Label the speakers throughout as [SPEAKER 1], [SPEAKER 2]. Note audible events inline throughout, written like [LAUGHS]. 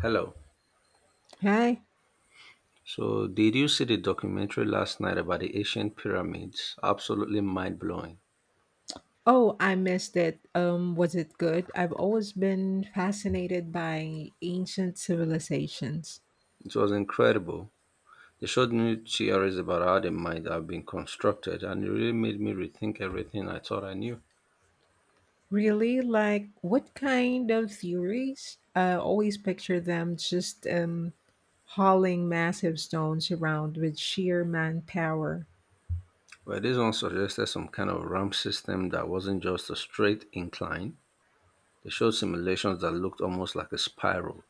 [SPEAKER 1] Hello.
[SPEAKER 2] Hi.
[SPEAKER 1] So, did you see the documentary last night about the ancient pyramids? Absolutely mind blowing.
[SPEAKER 2] Oh, I missed it. Was it good? I've always been fascinated by ancient civilizations.
[SPEAKER 1] It was incredible. They showed new theories about how they might have been constructed, and it really made me rethink everything I thought I knew.
[SPEAKER 2] Really? Like, what kind of theories? I always picture them just hauling massive stones around with sheer manpower.
[SPEAKER 1] Well, this one suggested some kind of ramp system that wasn't just a straight incline. They showed simulations that looked almost like a spiral.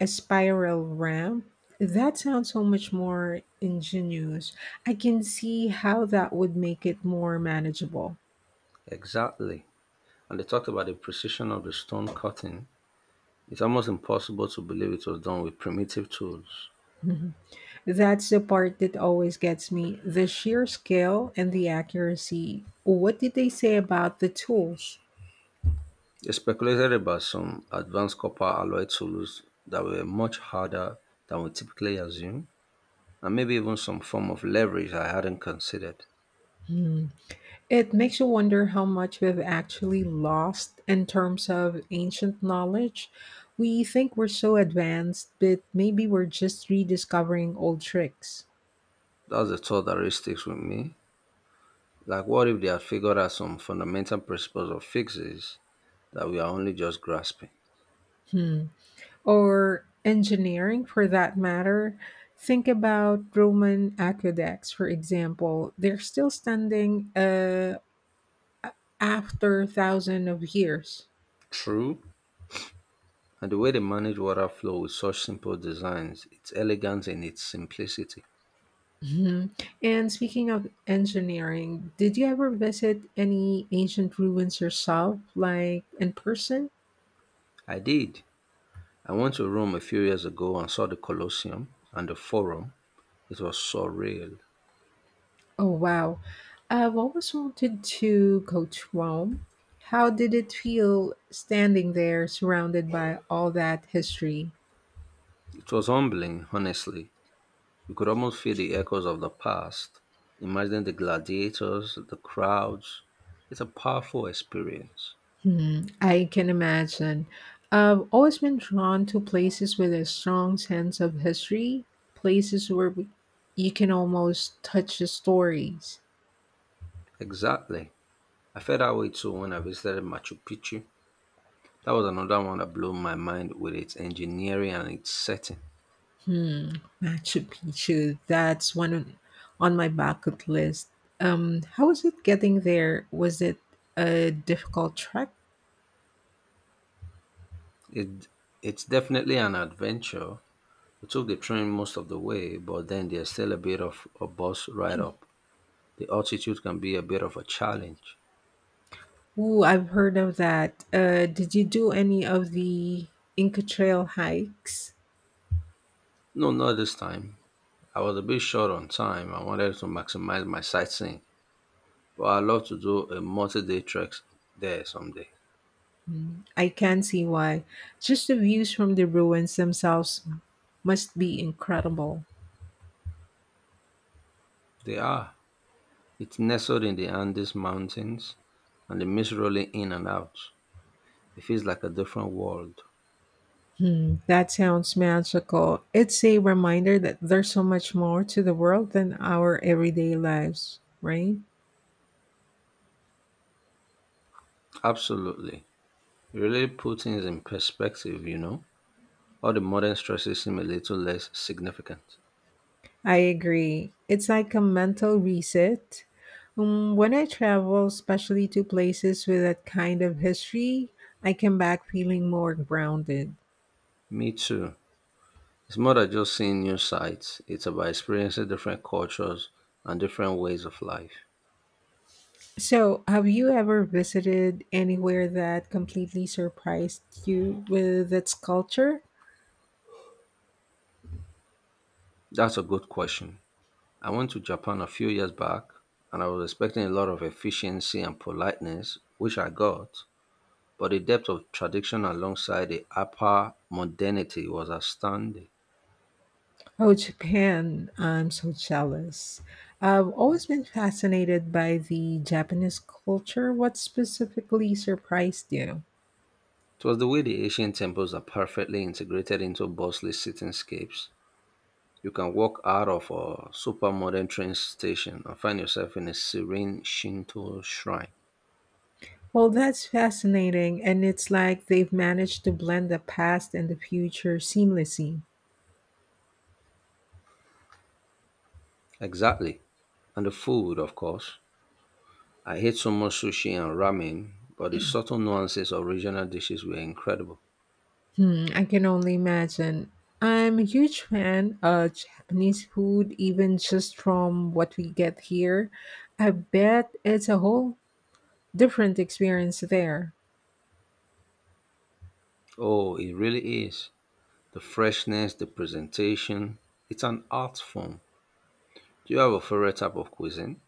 [SPEAKER 2] A spiral ramp? That sounds so much more ingenious. I can see how that would make it more manageable.
[SPEAKER 1] Exactly. And they talked about the precision of the stone cutting. It's almost impossible to believe it was done with primitive tools.
[SPEAKER 2] [LAUGHS] That's the part that always gets me, the sheer scale and the accuracy. What did they say about the tools?
[SPEAKER 1] They speculated about some advanced copper alloy tools that were much harder than we typically assume, and maybe even some form of leverage I hadn't considered.
[SPEAKER 2] Hmm. It makes you wonder how much we've actually lost in terms of ancient knowledge. We think we're so advanced, but maybe we're just rediscovering old tricks.
[SPEAKER 1] That's the thought that really sticks with me. Like, what if they had figured out some fundamental principles or fixes that we are only just grasping?
[SPEAKER 2] Hmm. Or engineering, for that matter. Think about Roman aqueducts, for example. They're still standing, after thousands of years.
[SPEAKER 1] True, and the way they manage water flow with such simple designs, it's elegance in its simplicity.
[SPEAKER 2] Mhm. And speaking of engineering, did you ever visit any ancient ruins yourself, like in person?
[SPEAKER 1] I did. I went to Rome a few years ago and saw the Colosseum and the Forum. It was surreal.
[SPEAKER 2] Oh, wow. I've always wanted to go to Rome. How did it feel standing there surrounded by all that history?
[SPEAKER 1] It was humbling, honestly. You could almost feel the echoes of the past. Imagine the gladiators, the crowds. It's a powerful experience.
[SPEAKER 2] Hmm, I can imagine. I've always been drawn to places with a strong sense of history, places where we, you can almost touch the stories.
[SPEAKER 1] Exactly. I felt that way too when I visited Machu Picchu. That was another one that blew my mind with its engineering and its setting.
[SPEAKER 2] Hmm, Machu Picchu, that's on my bucket list. How was it getting there? Was it a difficult trek?
[SPEAKER 1] It, it's definitely an adventure. We took the train most of the way, but then there's still a bit of a bus ride up. The altitude can be a bit of a challenge.
[SPEAKER 2] Ooh, I've heard of that. Did you do any of the Inca Trail hikes?
[SPEAKER 1] No, not this time. I was a bit short on time. I wanted to maximize my sightseeing, but I'd love to do a multi-day trek there someday.
[SPEAKER 2] Mm, I can see why. Just the views from the ruins themselves must be incredible.
[SPEAKER 1] They are. It's nestled in the Andes Mountains and the mist rolling in and out. It feels like a different world.
[SPEAKER 2] Hmm, that sounds magical. It's a reminder that there's so much more to the world than our everyday lives, right?
[SPEAKER 1] Absolutely. It really puts things in perspective, you know? All the modern stresses seem a little less significant.
[SPEAKER 2] I agree. It's like a mental reset. When I travel, especially to places with that kind of history, I come back feeling more grounded.
[SPEAKER 1] Me too. It's more than just seeing new sights, it's about experiencing different cultures and different ways of life.
[SPEAKER 2] So, have you ever visited anywhere that completely surprised you with its culture?
[SPEAKER 1] That's a good question. I went to Japan a few years back and I was expecting a lot of efficiency and politeness, which I got, but the depth of tradition alongside the upper modernity was astounding.
[SPEAKER 2] Oh, Japan. I'm so jealous. I've always been fascinated by the Japanese culture. What specifically surprised you?
[SPEAKER 1] It was the way the Asian temples are perfectly integrated into bustling cityscapes. You can walk out of a super modern train station and find yourself in a serene Shinto shrine.
[SPEAKER 2] Well, that's fascinating. And it's like they've managed to blend the past and the future seamlessly.
[SPEAKER 1] Exactly. And the food, of course. I ate so much sushi and ramen, but the subtle nuances of regional dishes were incredible.
[SPEAKER 2] Hmm, I can only imagine. I'm a huge fan of Japanese food, even just from what we get here. I bet it's a whole different experience there.
[SPEAKER 1] Oh, it really is. The freshness, the presentation, it's an art form. Do you have a favorite type of cuisine?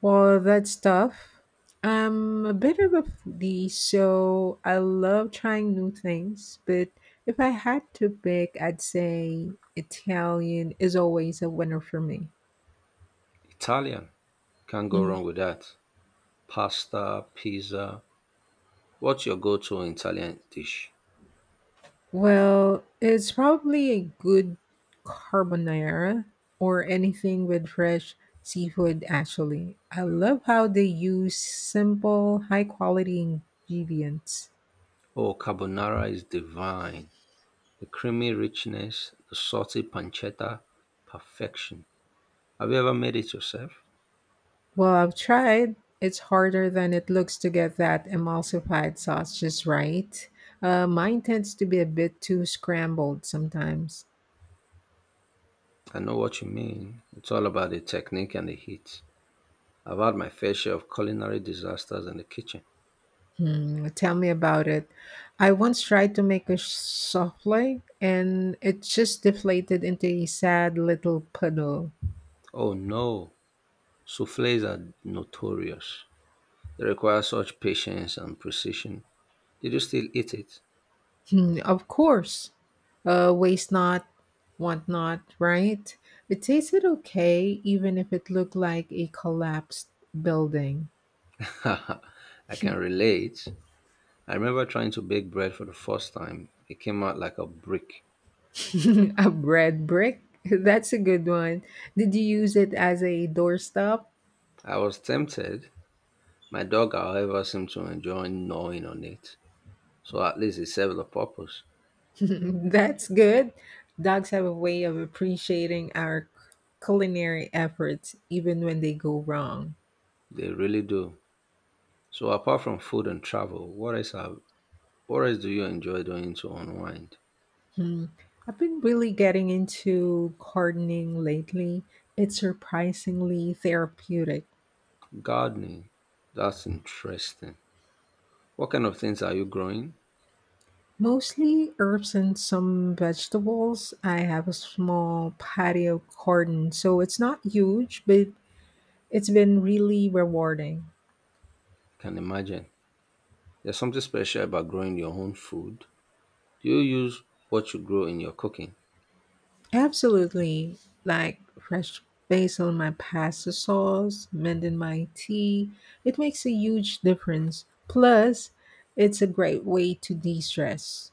[SPEAKER 2] Well, that's tough. I'm a bit of a foodie, so I love trying new things. But if I had to pick, I'd say Italian is always a winner for me.
[SPEAKER 1] Italian. Can't go
[SPEAKER 2] Mhm.
[SPEAKER 1] wrong with that. Pasta, pizza. What's your go to Italian dish?
[SPEAKER 2] Well, it's probably a good carbonara or anything with fresh seafood, actually. I love how they use simple, high quality ingredients.
[SPEAKER 1] Oh, carbonara is divine. The creamy richness, the salty pancetta, perfection. Have you ever made it yourself?
[SPEAKER 2] Well, I've tried. It's harder than it looks to get that emulsified sauce just right. Mine tends to be a bit too scrambled sometimes.
[SPEAKER 1] I know what you mean. It's all about the technique and the heat. I've had my fair share of culinary disasters in the kitchen.
[SPEAKER 2] Hmm, tell me about it. I once tried to make a souffle and it just deflated into a sad little puddle.
[SPEAKER 1] Oh no, souffles are notorious. They require such patience and precision. Did you still eat it?
[SPEAKER 2] Hmm, of course, waste not, want not, right? It tasted okay, even if it looked like a collapsed building.
[SPEAKER 1] [LAUGHS] Haha, I can
[SPEAKER 2] [LAUGHS]
[SPEAKER 1] relate. I remember trying to bake bread for the first time. It came out like a brick.
[SPEAKER 2] [LAUGHS] A bread brick? [LAUGHS] That's a good one. Did you use it as a doorstop?
[SPEAKER 1] I was tempted. My dog, however, seemed to enjoy gnawing on it. So at least it served a purpose.
[SPEAKER 2] [LAUGHS] That's good. Dogs have a way of appreciating our culinary efforts even when they go wrong.
[SPEAKER 1] They really do. So apart from food and travel, What else do you enjoy doing to unwind?
[SPEAKER 2] Hmm. I've been really getting into gardening lately. It's surprisingly therapeutic.
[SPEAKER 1] Gardening. That's interesting. What kind of things are you growing?
[SPEAKER 2] Mostly herbs and some vegetables. I have a small patio garden, so it's not huge, but it's been really rewarding.
[SPEAKER 1] I can imagine. There's something special about growing your own food. Do you use what you grow in your cooking?
[SPEAKER 2] Absolutely. Like fresh basil in my pasta sauce, mint in my tea. It makes a huge difference. Plus, it's a great way to de stress.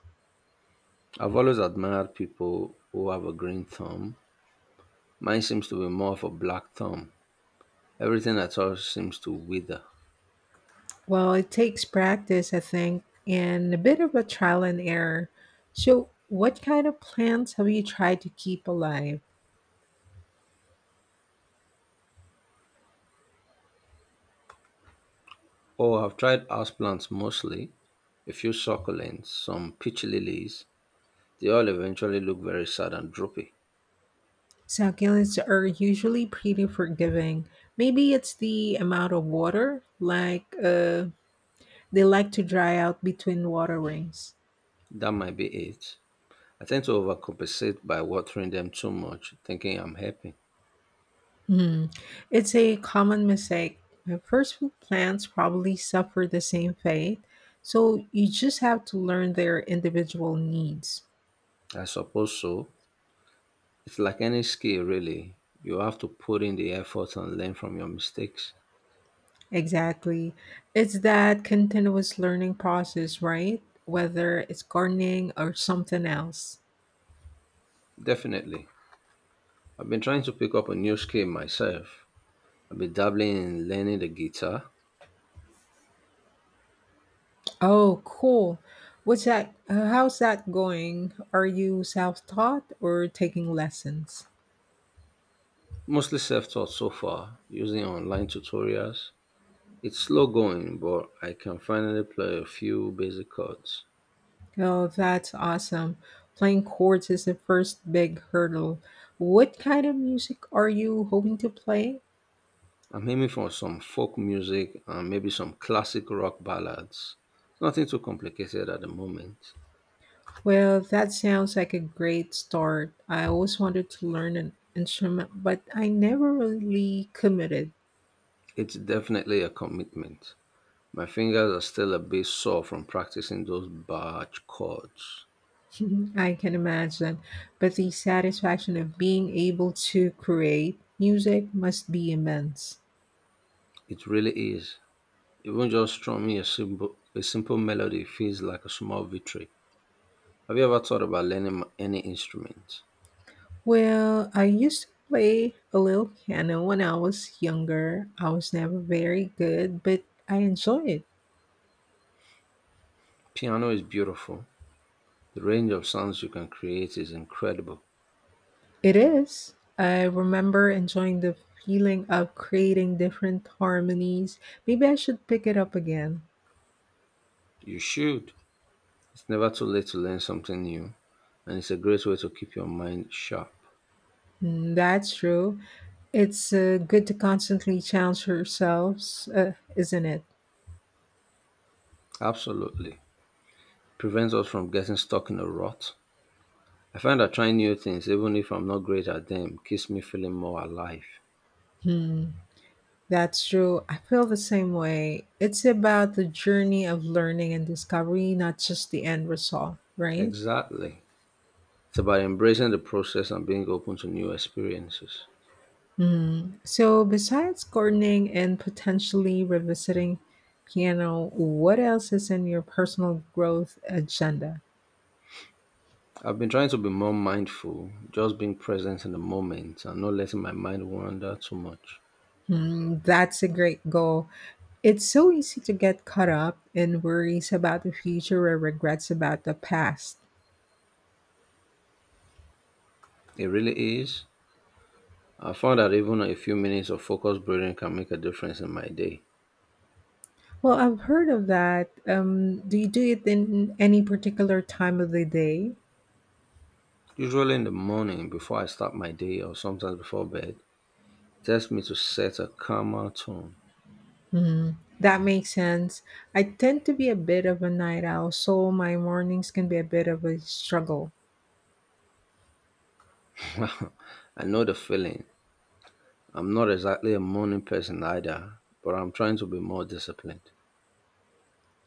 [SPEAKER 1] I've always admired people who have a green thumb. Mine seems to be more of a black thumb. Everything I touch seems to wither.
[SPEAKER 2] Well, it takes practice, I think, and a bit of a trial and error. So, what kind of plants have you tried to keep alive?
[SPEAKER 1] Oh, I've tried houseplants mostly, a few succulents, some peach lilies. They all eventually look very sad and droopy.
[SPEAKER 2] Succulents are usually pretty forgiving. Maybe it's the amount of water, they like to dry out between waterings.
[SPEAKER 1] That might be it. I tend to overcompensate by watering them too much, thinking I'm happy.
[SPEAKER 2] Hmm. It's a common mistake. First fruit plants probably suffer the same fate, so you just have to learn their individual needs.
[SPEAKER 1] I suppose so. It's like any skill, really. You have to put in the effort and learn from your mistakes.
[SPEAKER 2] Exactly. It's that continuous learning process, right? Whether it's gardening or something else.
[SPEAKER 1] Definitely. I've been trying to pick up a new skill myself. I've been dabbling in learning the guitar,
[SPEAKER 2] Oh, cool. What's that? How's that going? Are you self taught or taking lessons?
[SPEAKER 1] mostly self taught so far, using online tutorials. It's slow going, but I can finally play a few basic chords.
[SPEAKER 2] Oh, that's awesome. Playing chords is the first big hurdle. What kind of music are you hoping to play?
[SPEAKER 1] I'm aiming for some folk music and maybe some classic rock ballads. Nothing too complicated at the moment.
[SPEAKER 2] Well, that sounds like a great start. I always wanted to learn an instrument, but I never really committed.
[SPEAKER 1] It's definitely a commitment. My fingers are still a bit sore from practicing those barge chords.
[SPEAKER 2] [LAUGHS] I can imagine. But the satisfaction of being able to create music must be immense.
[SPEAKER 1] It really is. Even just strumming a simple melody feels like a small victory. Have you ever thought about learning any instrument?
[SPEAKER 2] Well, I used to play a little piano when I was younger. I was never very good, but I enjoy it.
[SPEAKER 1] Piano is beautiful. The range of sounds you can create is incredible.
[SPEAKER 2] It is. I remember enjoying the feeling of creating different harmonies. Maybe I should pick it up again.
[SPEAKER 1] You should. It's never too late to learn something new, and it's a great way to keep your mind sharp.
[SPEAKER 2] Mm, that's true. It's good to constantly challenge ourselves, isn't it?
[SPEAKER 1] Absolutely. Prevents us from getting stuck in a rut. I find that trying new things, even if I'm not great at them, keeps me feeling more alive.
[SPEAKER 2] Hmm. That's true. I feel the same way. It's about the journey of learning and discovery, not just the end result, right?
[SPEAKER 1] Exactly. It's about embracing the process and being open to new experiences.
[SPEAKER 2] Mm. So, besides gardening and potentially revisiting piano, what else is in your personal growth agenda?
[SPEAKER 1] I've been trying to be more mindful, just being present in the moment and not letting my mind wander too much.
[SPEAKER 2] Mm, that's a great goal. It's so easy to get caught up in worries about the future or regrets about the past.
[SPEAKER 1] It really is. I found that even a few minutes of focused breathing can make a difference in my day.
[SPEAKER 2] Well, I've heard of that. Do you do it in any particular time of the day?
[SPEAKER 1] Usually in the morning before I start my day or sometimes before bed, tells me to set a calmer tone.
[SPEAKER 2] Hmm, that makes sense. I tend to be a bit of a night owl, so my mornings can be a bit of a struggle.
[SPEAKER 1] [LAUGHS] I know the feeling. I'm not exactly a morning person either, but I'm trying to be more disciplined.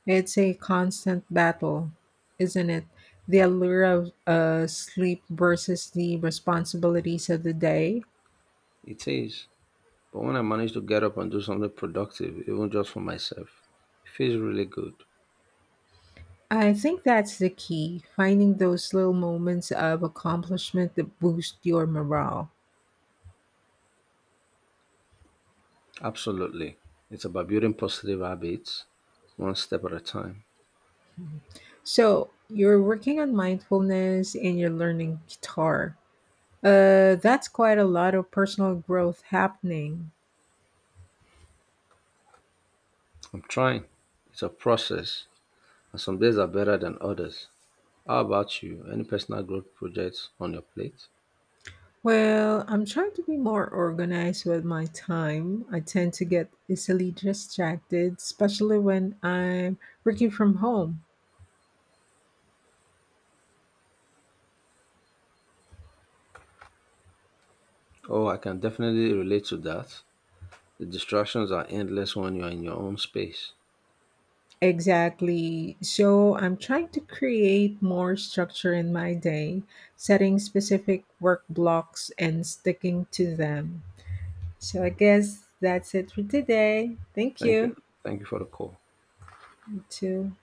[SPEAKER 2] It's a constant battle, isn't it? The allure of sleep versus the responsibilities of the day.
[SPEAKER 1] It is. But when I manage to get up and do something productive, even just for myself, it feels really good.
[SPEAKER 2] I think that's the key, finding those little moments of accomplishment that boost your morale.
[SPEAKER 1] Absolutely. It's about building positive habits one step at a time.
[SPEAKER 2] So, you're working on mindfulness and you're learning guitar. That's quite a lot of personal growth happening.
[SPEAKER 1] I'm trying. It's a process, and some days are better than others. How about you? Any personal growth projects on your plate?
[SPEAKER 2] Well, I'm trying to be more organized with my time. I tend to get easily distracted, especially when I'm working from home.
[SPEAKER 1] Oh, I can definitely relate to that. The distractions are endless when you are in your own space.
[SPEAKER 2] Exactly. So I'm trying to create more structure in my day, setting specific work blocks and sticking to them. So I guess that's it for today. Thank
[SPEAKER 1] Thank you.
[SPEAKER 2] you.
[SPEAKER 1] Thank you for the call.
[SPEAKER 2] You too.